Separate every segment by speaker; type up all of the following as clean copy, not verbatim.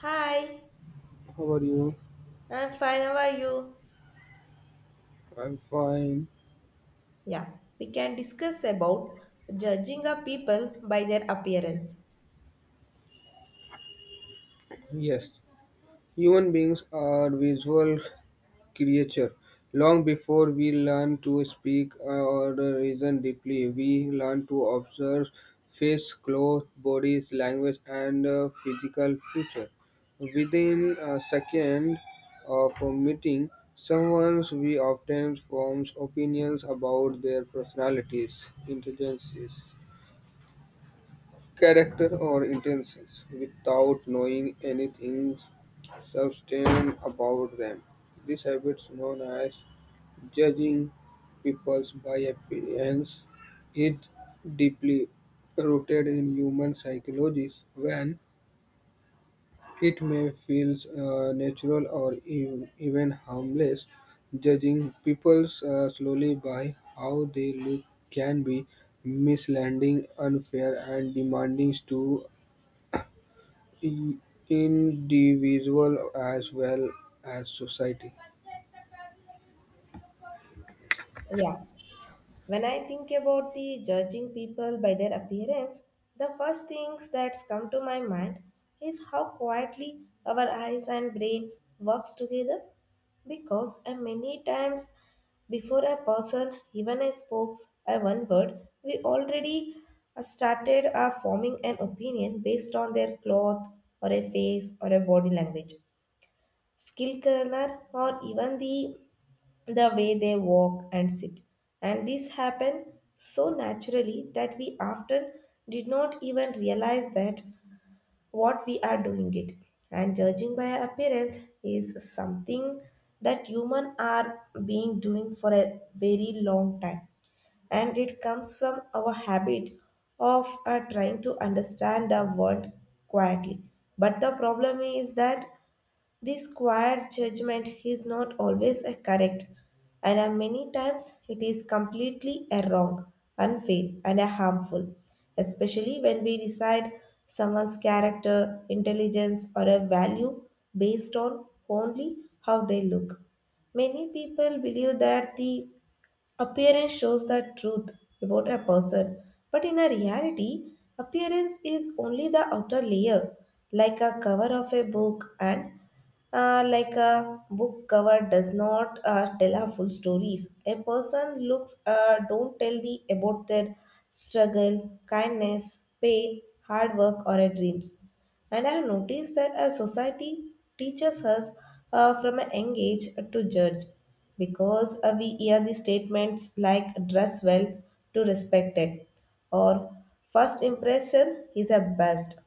Speaker 1: Hi,
Speaker 2: How are you?
Speaker 1: I'm fine. How are you?
Speaker 2: I'm fine.
Speaker 1: Yeah, we can discuss about judging a people by their appearance.
Speaker 2: Yes, human beings are visual creature. Long before we learn to speak or reason deeply, we learn to observe face, clothes, bodies, language, and physical feature. Within a second of a meeting, someone we often forms opinions about their personalities, intelligences. Character or intentions without knowing anything substantive about them. This habit known as judging people by appearance. Is deeply rooted in human psychology. When it may feel natural or even harmless. Judging people slowly by how they look can be misleading, unfair, and demanding to in individual as well as society.
Speaker 1: Yeah. When I think about the judging people by their appearance, the first things that come to my mind is how quietly our eyes and brain works together because many times before a person even speaks a one word we already started forming an opinion based on their cloth or a face or a body language skill color or even the way they walk and sit. And this happened so naturally that we often did not even realize that what we are doing it. And judging by appearance is something that human are being doing for a very long time. And it comes from our habit of trying to understand the world quietly. But the problem is that this quiet judgment is not always a correct, and many times it is completely a wrong, unfair, and a harmful, especially when we decide someone's character, intelligence, or a value based on only how they look. Many people believe that the Appearance shows the truth about a person, but in a reality, appearance is only the outer layer, like a cover of a book, and like a book cover does not tell a full stories. A person looks don't tell the about their struggle, kindness, pain, hard work, or a dreams. And I have noticed that our society teaches us from a young age to judge because we hear the statements like dress well to respect it or first impression is a best.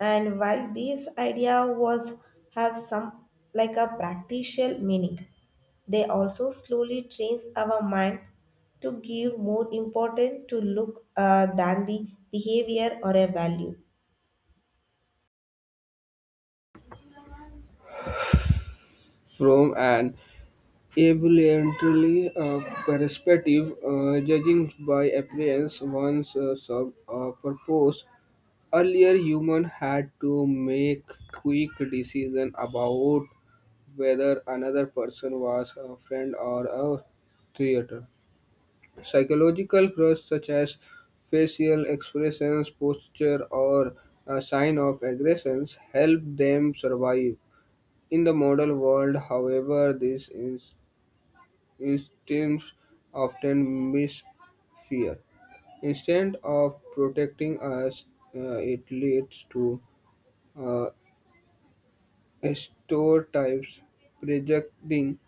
Speaker 1: And while this idea was have some like a practical meaning, they also slowly trains our mind to give more importance to look than the behavior or a value.
Speaker 2: From an evolutionary perspective, judging by appearance once served a purpose. Earlier, humans had to make quick decisions about whether another person was a friend or a traitor. Psychological cues such as facial expressions, posture, or a sign of aggressions help them survive. In the modern world, however, these instincts often miss fear. Instead of protecting us, it leads to uh, stereotypes, projecting,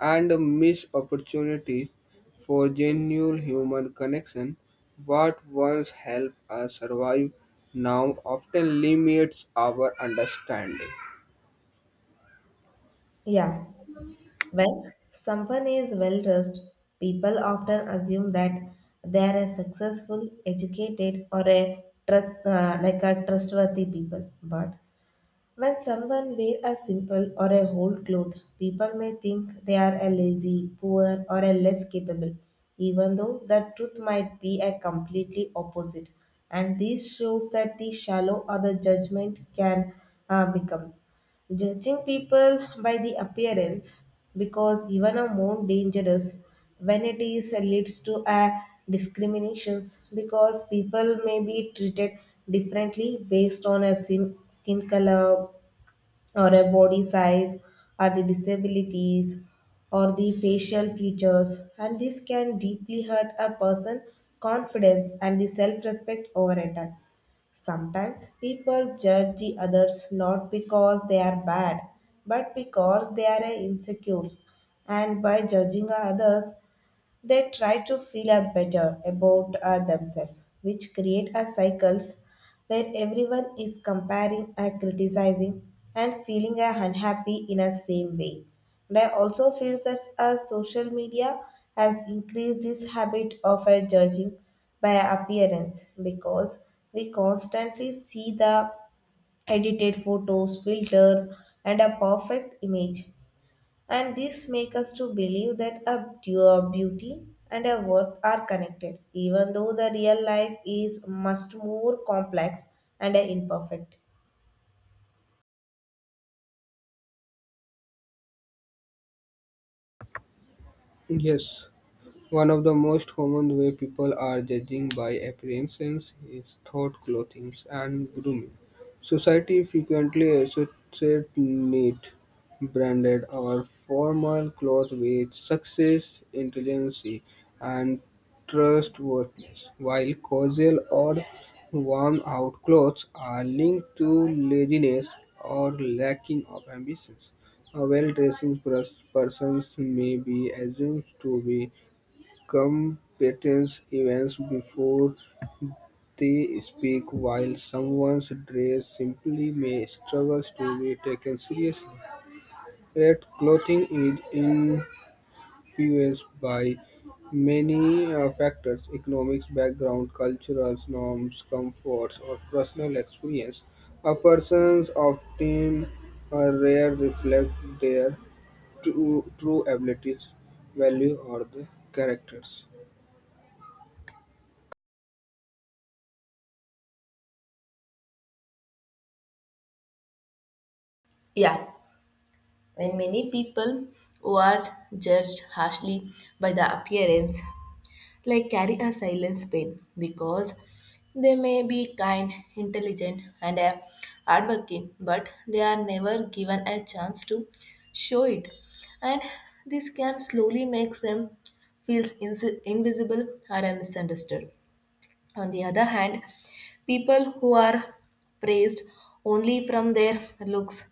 Speaker 2: and missed opportunities for genuine human connection, what once helped us survive now often limits our understanding.
Speaker 1: Yeah. When someone is well dressed, people often assume that they are a successful, educated, or a like a trustworthy people. But when someone wear a simple or a whole cloth, people may think they are a lazy, poor, or a less capable, even though the truth might be a completely opposite. And this shows that the shallow or the judgment can become. Judging people by the appearance because even a more dangerous when it is leads to a discriminations because people may be treated differently based on a skin color or a body size or the disabilities or the facial features and this can deeply hurt a person confidence and the self-respect over a time. Sometimes people judge the others not because they are bad, but because they are insecure. And by judging others, they try to feel a better about themselves, which create a cycles where everyone is comparing and criticizing and feeling unhappy in a same way. And I also feel that social media has increased this habit of judging by appearance because we constantly see the edited photos, filters, and a perfect image and this make us to believe that a pure beauty and a worth are connected even though the real life is much more complex and imperfect.
Speaker 2: Yes. One of the most common ways people are judging by appearances is through clothing and grooming. Society frequently associates neat, branded, or formal clothes with success, intelligence, and trustworthiness, while casual or worn-out clothes are linked to laziness or lacking of ambitions. A well-dressed person may be assumed to be competence events before they speak, while someone's dress simply may struggle to be taken seriously. Yet clothing is influenced by many factors: economics, background, cultural norms, comforts, or personal experience. A person's often rare reflect their true abilities, value, or the characters.
Speaker 1: Yeah. When many people who are judged harshly by the appearance like carry a silence pain because they may be kind, intelligent, and a hardworking, but they are never given a chance to show it. And this can slowly make them feel invisible or misunderstood. On the other hand, people who are praised only from their looks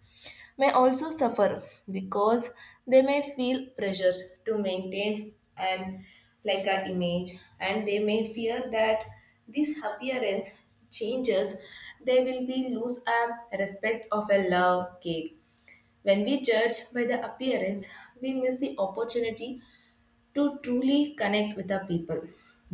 Speaker 1: may also suffer because they may feel pressure to maintain an like an image and they may fear that this appearance changes they will be lose a respect of a love cake. When we judge by the appearance we miss the opportunity to truly connect with our people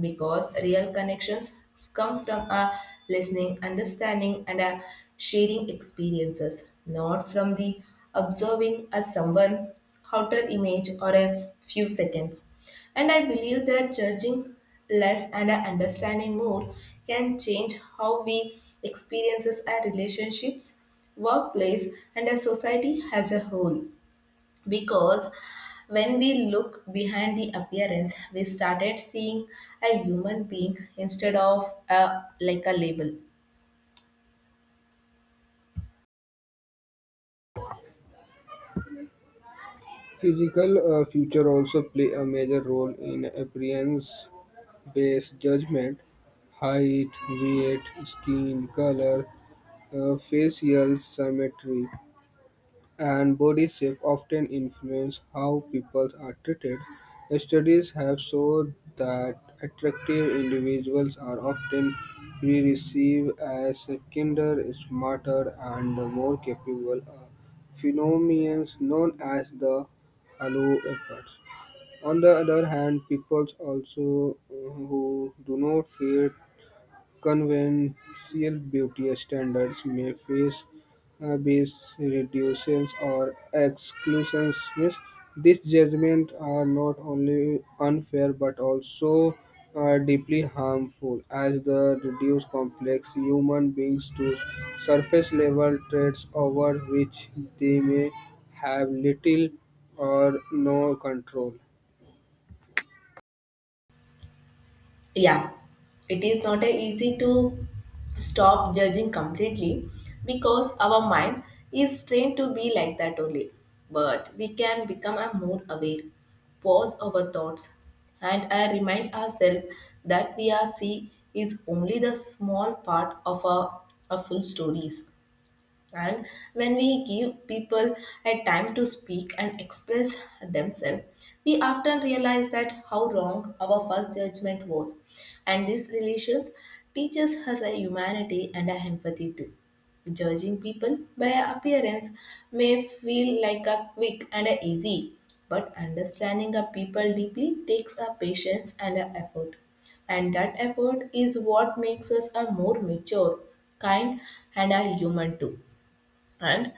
Speaker 1: because real connections come from a listening, understanding, and a sharing experiences, not from the observing as someone outer image or a few seconds. And I believe that judging less and our understanding more can change how we experiences our relationships, workplace, and our society as a whole because when we look behind the appearance we started seeing a human being instead of a like a label.
Speaker 2: Physical feature also play a major role in appearance-based judgment. Height, weight, skin color, facial symmetry and body shape often influence how people are treated. Studies have shown that attractive individuals are often perceived as kinder, smarter, and more capable, a phenomenon known as the halo effect. On the other hand, people also who do not feel conventional beauty standards may face bias, reductions, or exclusions. Means these judgments are not only unfair but also deeply harmful, as they reduce complex human beings to surface level traits over which they may have little or no control.
Speaker 1: Yeah, it is not a easy to stop judging completely because our mind is trained to be like that only but we can become a more aware pause our thoughts and I remind ourselves that we are see is only the small part of our full stories. And when we give people a time to speak and express themselves, we often realize that how wrong our first judgment was. And these relations teaches us a humanity and a empathy too. Judging people by appearance may feel like a quick and a easy, but understanding a people deeply takes a patience and a effort and that effort is what makes us a more mature, kind, and a human too. And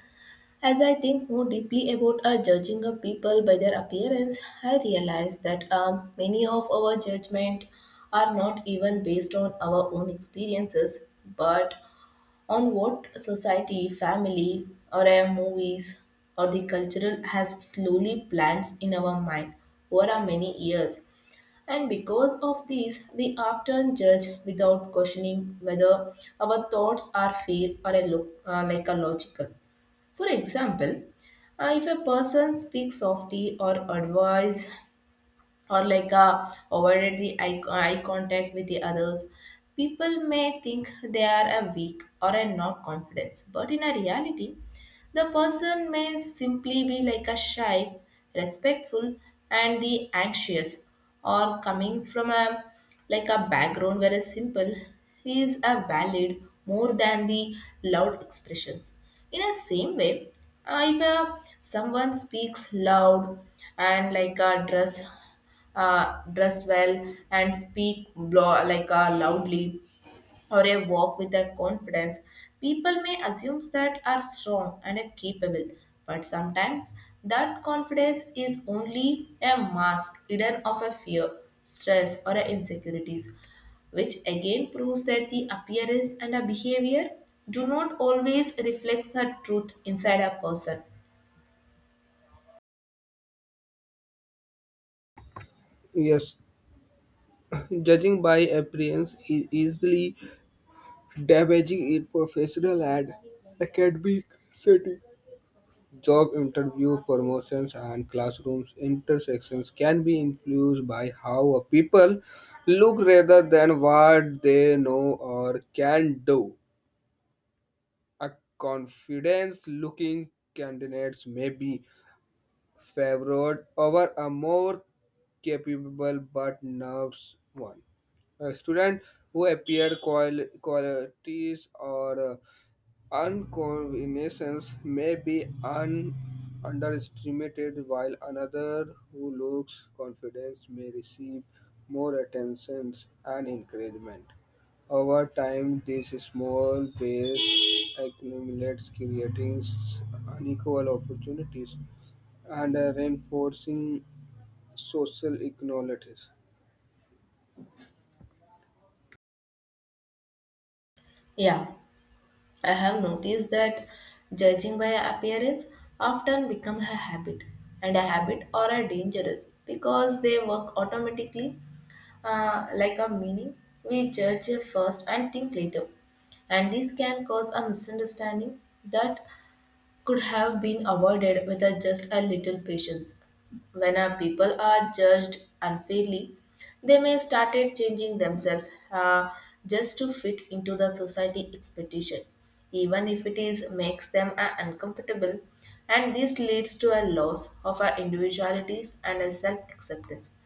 Speaker 1: as I think more deeply about our judging of people by their appearance, I realize that many of our judgment are not even based on our own experiences, but on what society, family, or our movies or the cultural has slowly plants in our mind over our many years. And because of this, we often judge without questioning whether our thoughts are fair or a like a logical. For example, if a person speaks softly or advises or like avoided the eye contact with the others people may think they are a weak or a not confident but in a reality the person may simply be like a shy respectful and the anxious or coming from a like a background where a simple is a valid more than the loud expressions in a same way. If someone speaks loud and like a dress dress well and speak loudly or a walk with a confidence people may assume that are strong and are capable but sometimes that confidence is only a mask hidden of a fear stress or a insecurities which again proves that the appearance and a behavior do not always reflect the truth inside a person.
Speaker 2: Yes, judging by appearance is easily damaging in professional and academic setting. Job interview, promotions, and classrooms intersections can be influenced by how a people look rather than what they know or can do. A confidence-looking candidates may be favored over a more capable but nervous one. A student who appear qualities or unconvenience may be underestimated while another who looks confident may receive more attention and encouragement. Over time, this small base accumulates, creating unequal opportunities and reinforcing social inequalities.
Speaker 1: Yeah, I have noticed that judging by appearance often become a habit, and a habit or a dangerous because they work automatically like a meaning. We judge first and think later, and this can cause a misunderstanding that could have been avoided with a- just a little patience. When our people are judged unfairly, they may start changing themselves just to fit into the society expectation, even if it is makes them uncomfortable, and this leads to a loss of our individualities and a self-acceptance.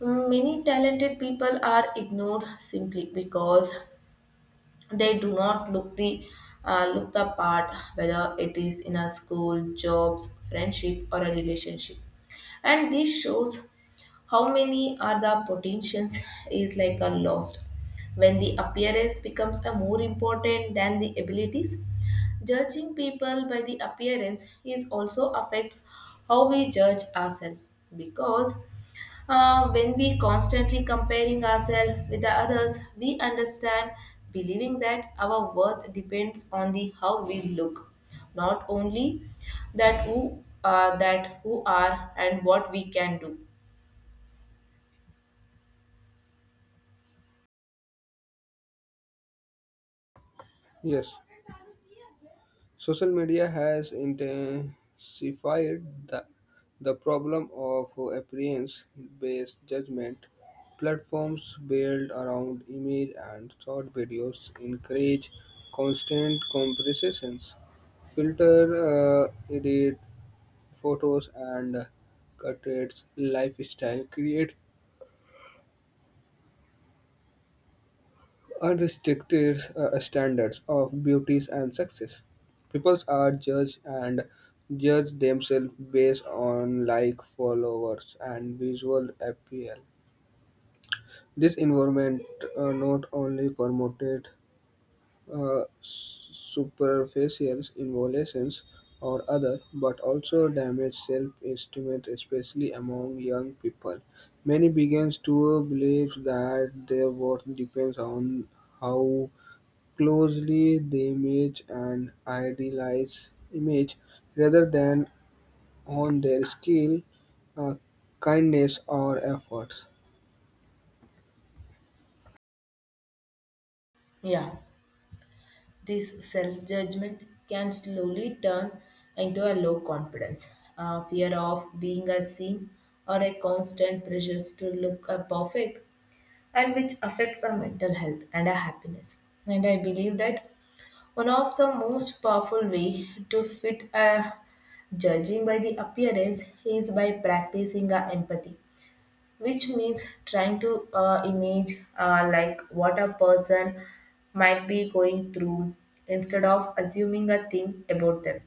Speaker 1: Many talented people are ignored simply because they do not look the look the part whether it is in a school jobs friendship or a relationship and this shows how many are the potentials is like a lost when the appearance becomes a more important than the abilities. Judging people by the appearance is also affects how we judge ourselves because when we constantly comparing ourselves with the others we understand believing that our worth depends on the how we look not only that who that who are and what we can do.
Speaker 2: Yes. Social media has intensified the, the problem of appearance based judgment. Platforms built around image and short videos encourage constant comparisons. Filter, edit photos, and cut its lifestyle create are the strictest standards of beauties and success. People are judged and judge themselves based on like followers and visual appeal. This environment not only promoted superficial involutions or other, but also damaged self-esteem, especially among young people. Many begins to believe that their worth depends on how closely the image and idealize image rather than on their skill, uh, kindness, or efforts.
Speaker 1: Yeah. This self judgment can slowly turn into a low confidence, a fear of being unseen, or a constant pressure to look perfect and which affects our mental health and our happiness. And I believe that one of the most powerful way to fit a judging by the appearance is by practicing our empathy which means trying to image like what a person might be going through instead of assuming a thing about them.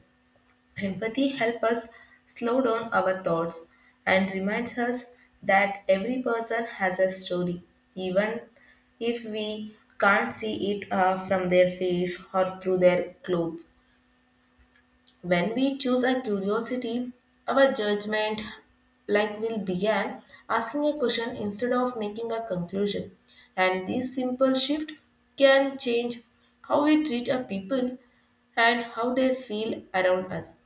Speaker 1: Empathy helps us slow down our thoughts and reminds us that every person has a story even if we can't see it from their face or through their clothes. When we choose a curiosity, our judgment, like Will begin asking a question instead of making a conclusion. And this simple shift can change how we treat a people and how they feel around us.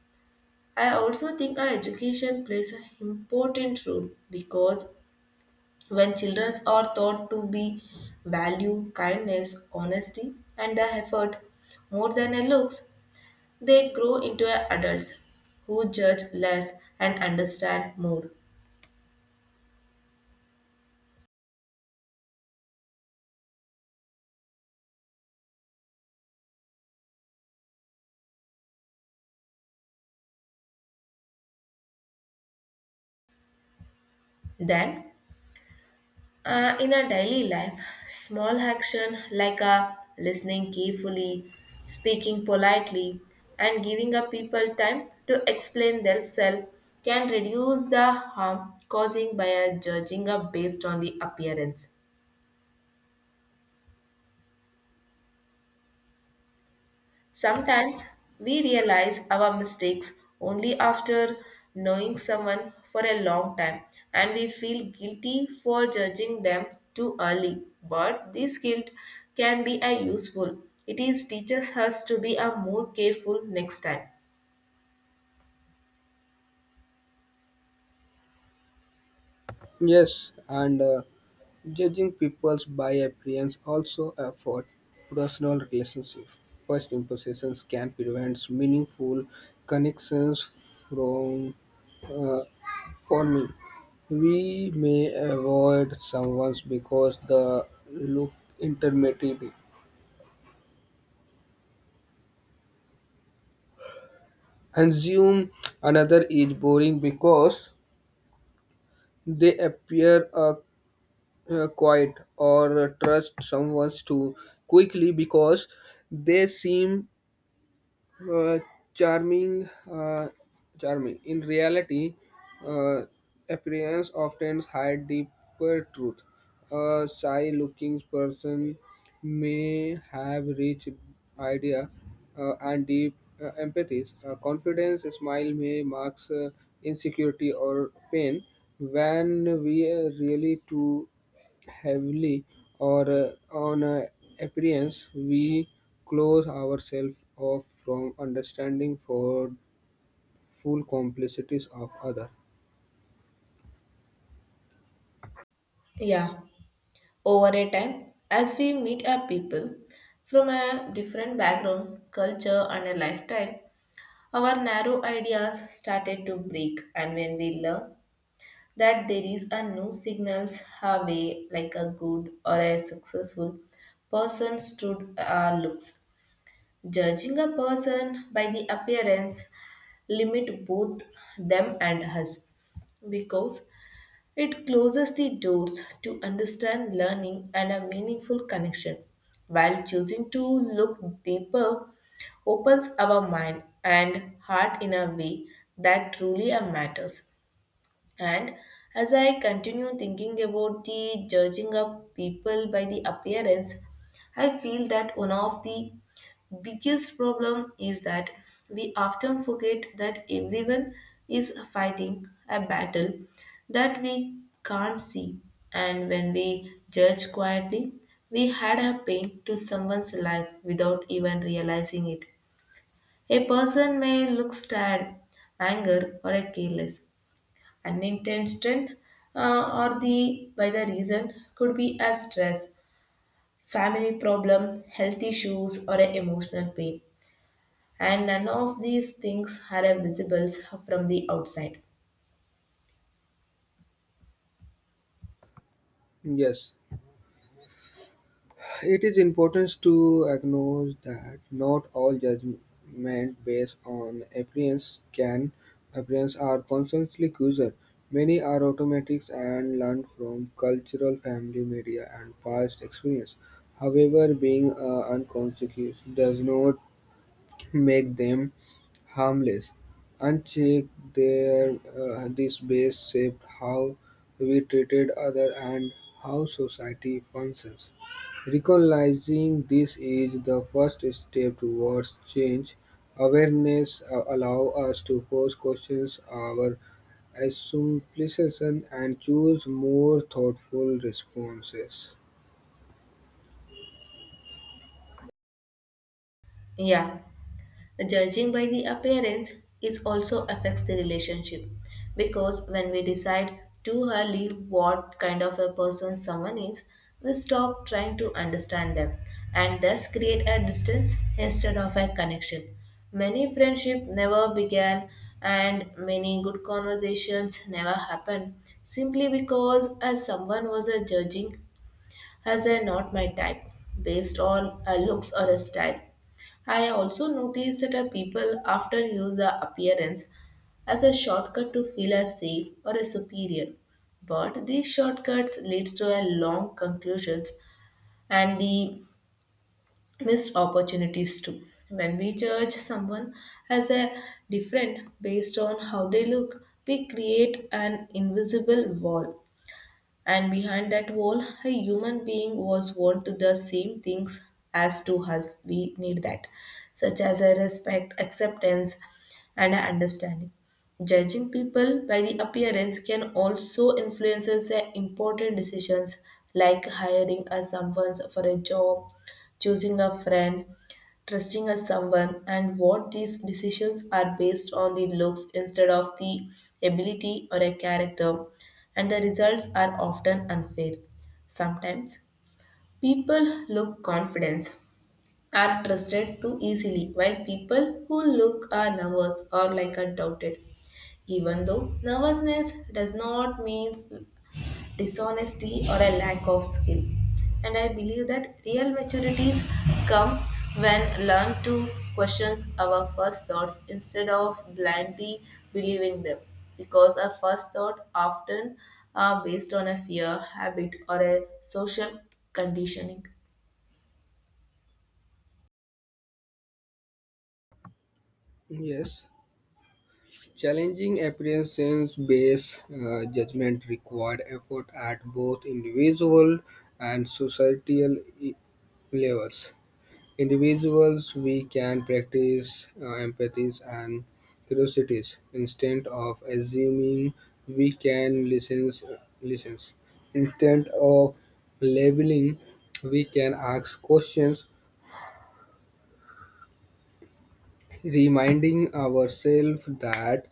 Speaker 1: I also think our education plays an important role because when children are taught to be value, kindness, honesty, and the effort more than a looks, they grow into adults who judge less and understand more. Then, in our daily life, small action like a listening carefully, speaking politely, and giving a people time to explain themselves can reduce the harm causing by a judging a based on the appearance. Sometimes we realize our mistakes only after knowing someone for a long time and we feel guilty for judging them too early. But this guilt can be a useful. It is teaches us to be a more careful next time.
Speaker 2: Yes, and judging peoples by appearance also affect personal relationship. First impressions can prevent meaningful connections from uh, forming. We may avoid someone because the look intimidating, assume another is boring because they appear quiet, or trust someone too quickly because they seem uh, charming, charming. In reality, uh, appearance often hides deeper truth. A shy-looking person may have rich idea and deep empathies. A confidence a smile may mask insecurity or pain when we are really too heavily or on appearance, we close ourselves off from understanding for full complexities of other.
Speaker 1: Yeah, over a time, as we meet our people from a different background, culture, and a lifetime, our narrow ideas started to break. And when we learn that there is a no signals her way like a good or a successful person stood looks judging a person by the appearance limit both them and us because it closes the doors to understand learning and a meaningful connection while choosing to look deeper opens our mind and heart in a way that truly matters. And as I continue thinking about the judging of people by the appearance, I feel that one of the biggest problem is that we often forget that everyone is fighting a battle that we can't see. And when we judge quietly, we add a pain to someone's life without even realizing it. A person may look sad, anger, or a careless, unintentional or the by the reason could be a stress family problem health issues or a emotional pain, and none of these things are visible from the outside.
Speaker 2: Yes, it is important to acknowledge that not all judgment based on appearance can appearance are constantly causal. Many are automatic and learned from cultural, family, media, and past experience. However, being unconscious does not make them harmless. Uncheck their this base shaped how we treated other and how society functions. Recognizing this is the first step towards change. Awareness allow us to pose questions our assumptions and choose more thoughtful responses.
Speaker 1: Yeah, judging by the appearance is also affects the relationship because when we decide too early what kind of a person someone is, we stop trying to understand them and thus create a distance instead of a connection. Many friendship never began and many good conversations never happen simply because as someone was a judging as they are not my type, based on a looks or a style. I also noticed that a people often use their appearance as a shortcut to feel as safe or a superior. But these shortcuts leads to a long conclusions and the missed opportunities too. When we judge someone as a different based on how they look, we create an invisible wall, and behind that wall, a human being was want to the same things as to us. We need that, such as a respect, acceptance, and a understanding. Judging people by the appearance can also influence their important decisions like hiring a someone for a job, choosing a friend, trusting as someone and what these decisions are based on the looks instead of the ability or a character, and the results are often unfair. Sometimes people look confidence are trusted too easily while people who look are nervous or like are doubted, even though nervousness does not mean dishonesty or a lack of skill. And I believe that real maturities come when learn to question our first thoughts instead of blindly believing them, because our first thought often are based on a fear, habit, or a social conditioning.
Speaker 2: Yes. Challenging apprehensions based judgment required effort at both individual and societal levels. Individuals, we can practice empathies and curiosities instead of assuming we can listen. Listen. Instead of labeling, we can ask questions reminding ourselves that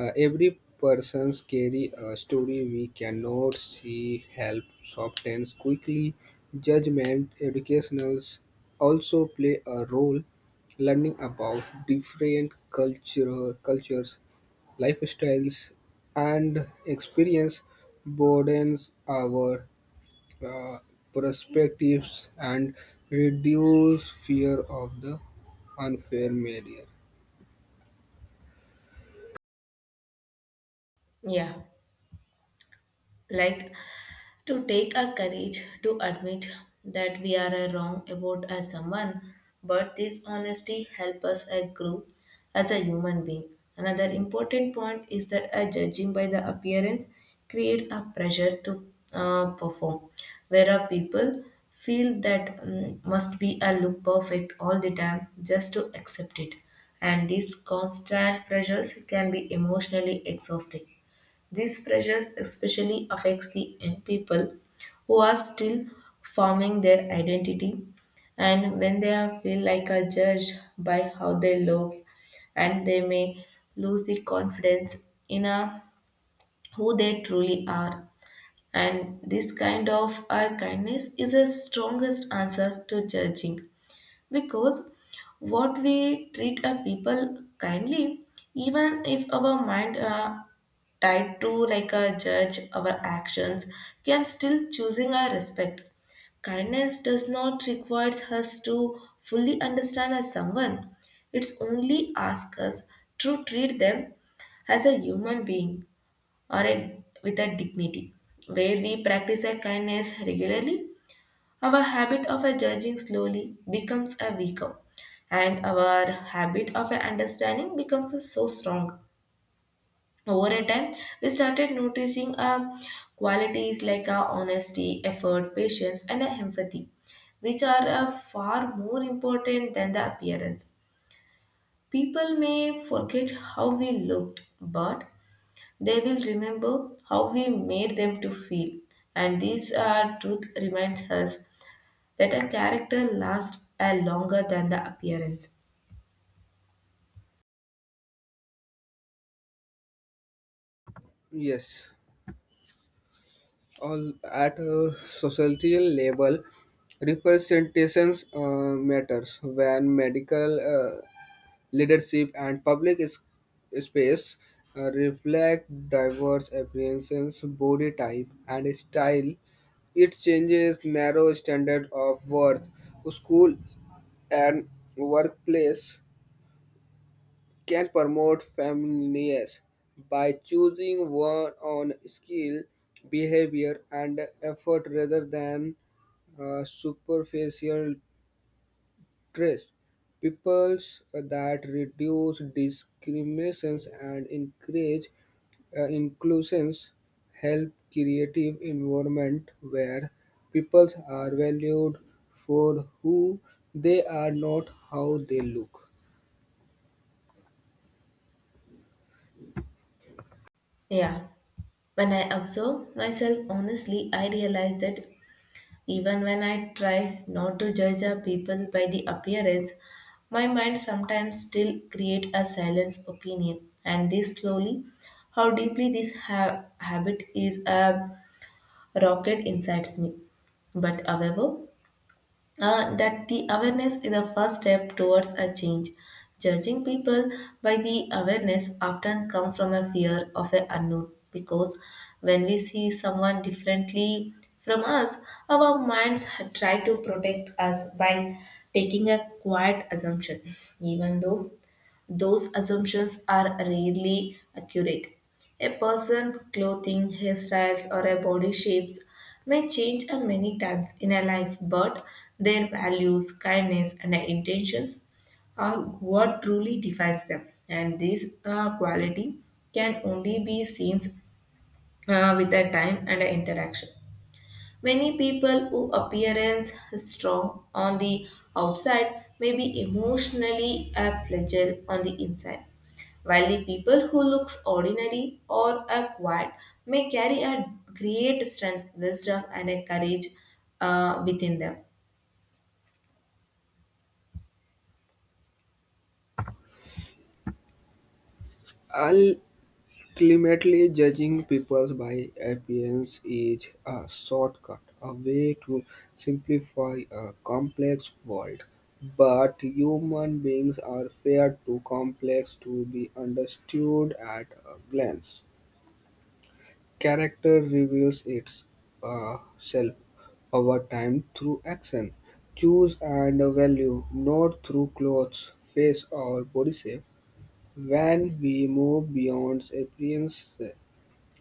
Speaker 2: every person's carry a story we cannot see help softens quickly judgment educationals also play a role learning about different cultural cultures lifestyles and experience broadens our uh, perspectives and reduce fear of the unfair media.
Speaker 1: Yeah, like to take our courage to admit that we are wrong about as someone, but this honesty help us a grow as a human being. Another important point is that a judging by the appearance creates a pressure to perform where our people feel that must be a look perfect all the time just to accept it, and these constant pressures can be emotionally exhausting. This pressure especially affects the young people who are still forming their identity, and when feel like are judged by how they look, and they may lose the confidence in a, who they truly are. And this kind of kindness is a strongest answer to judging, because what we treat a people kindly, even if our mind tied to like a judge our actions, can still choosing our respect. Kindness does not require us to fully understand as someone, it's only ask us to treat them as a human being or a, with a dignity. Where we practice a kindness regularly, our habit of a judging slowly becomes a weaker, and our habit of a understanding becomes a so strong. Over a time, we started noticing qualities like honesty, effort, patience, and empathy, which are far more important than the appearance. People may forget how we looked, but they will remember how we made them to feel. And this truth reminds us that a character lasts a longer than the appearance.
Speaker 2: Yes, all at a societal level, representations matters when medical uh, leadership and public space reflect diverse appearances, body type, and style. It changes narrow standard of worth, school, and workplace can promote families by choosing one on skill, behavior, and effort rather than superficial traits. Peoples that reduce discriminations and encourage inclusions help creative environment where peoples are valued for who they are, not how they look.
Speaker 1: Yeah, when I observe myself honestly, I realize that even when I try not to judge a people by the appearance, my mind sometimes still create a silence opinion, and this slowly, how deeply this habit is a rocket inside me. But however, that the awareness is the first step towards a change. Judging people by the awareness often come from a fear of a unknown, because when we see someone differently from us, our minds try to protect us by taking a quiet assumption, even though those assumptions are rarely accurate. A person, clothing, hairstyles, or a body shapes may change a many times in a life, but their values, kindness, and intentions are what truly defines them. And this quality can only be seen with the time and the interaction. Many people who appearance strong on the outside may be emotionally a fragile on the inside, while the people who looks ordinary or are quiet may carry a great strength, wisdom, and a courage within them.
Speaker 2: I'll ultimately, judging people by appearance is a shortcut, a way to simplify a complex world. But human beings are far too complex to be understood at a glance. Character reveals its self over time through action, choose and value, not through clothes, face, or body shape. When we move beyond appearance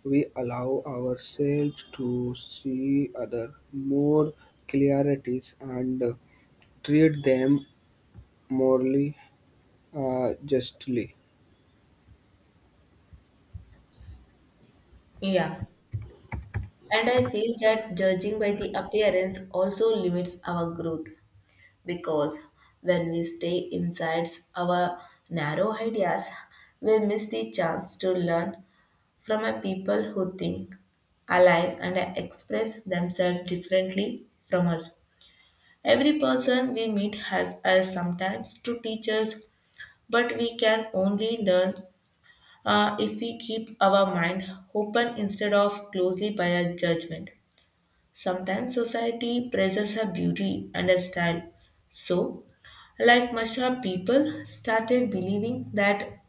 Speaker 2: we allow ourselves to see other more clarities and treat them morally justly.
Speaker 1: Yeah. And I feel that judging by the appearance also limits our growth because when we stay inside our narrow ideas, we miss the chance to learn from a people who think, alive, and express themselves differently from us. Every person we meet has us sometimes to teach us, but we can only learn if we keep our mind open instead of closely by a judgment. Sometimes society praises her beauty and her style. So, like Masha, people started believing that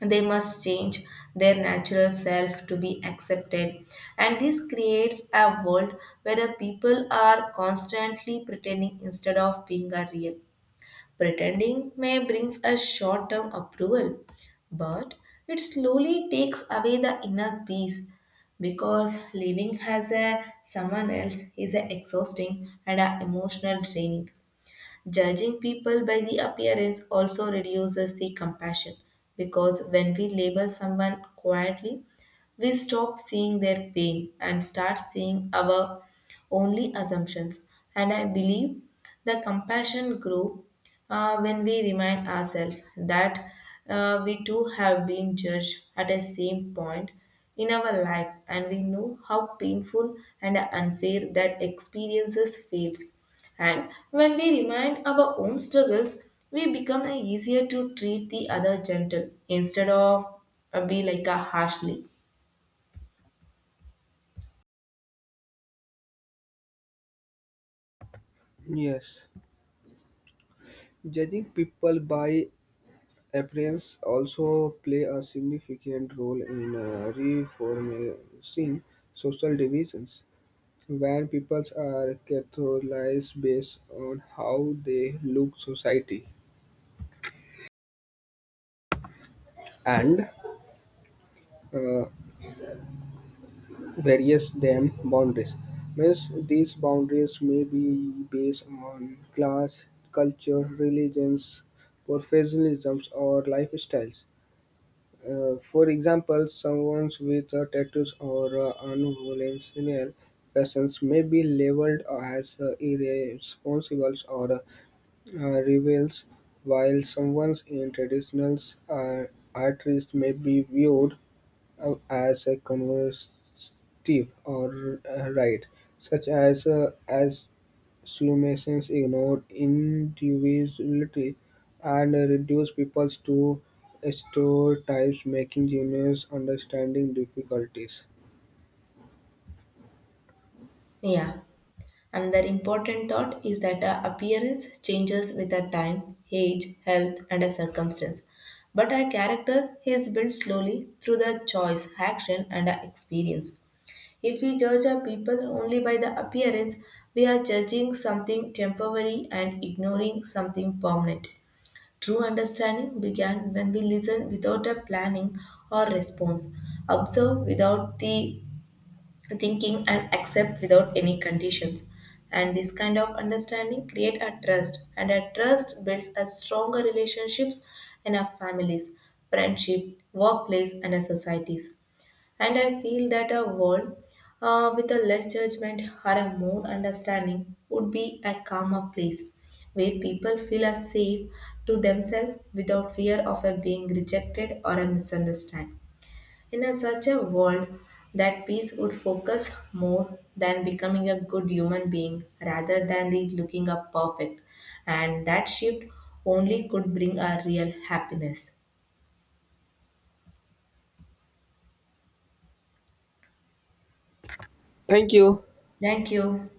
Speaker 1: they must change their natural self to be accepted, and this creates a world where the people are constantly pretending instead of being a real. Pretending may brings us short term approval, but it slowly takes away the inner peace because living as a someone else is a exhausting and a emotional draining. Judging people by the appearance also reduces the compassion because when we label someone quietly, we stop seeing their pain and start seeing our only assumptions. And I believe the compassion grew when we remind ourselves that we too have been judged at the same point in our life, and we know how painful and unfair that experiences feels. And when we remind our own struggles, we become easier to treat the other gentle instead of be like a harshly.
Speaker 2: Yes, judging people by appearance also play a significant role in reforming social divisions. When people are categorized based on how they look society and uh, various them boundaries means these boundaries may be based on class culture religions professionalisms or lifestyles. For example someone with a tattoos or unvolutionary persons may be labeled as irresponsible or rebels while someone in traditional uh, artists may be viewed as a conversative or right, such as solutions ignored individuality and reduce people to stereotypes, making genius understanding difficulties.
Speaker 1: Yeah. Another important thought is that our appearance changes with our time, age, health, and our circumstance. But our character is built slowly through the choice, action, and our experience. If we judge our people only by the appearance, we are judging something temporary and ignoring something permanent. True understanding began when we listen without a planning or response, observe without the thinking and accept without any conditions, and this kind of understanding create a trust, and a trust builds a stronger relationships in our families, friendship, workplace and our societies. And I feel that a world with a less judgment or a more understanding would be a calmer place where people feel as safe to themselves without fear of a being rejected or a misunderstanding. In a such a world, that peace would focus more than becoming a good human being rather than the looking up perfect. And that shift only could bring a real happiness.
Speaker 2: Thank you.
Speaker 1: Thank you.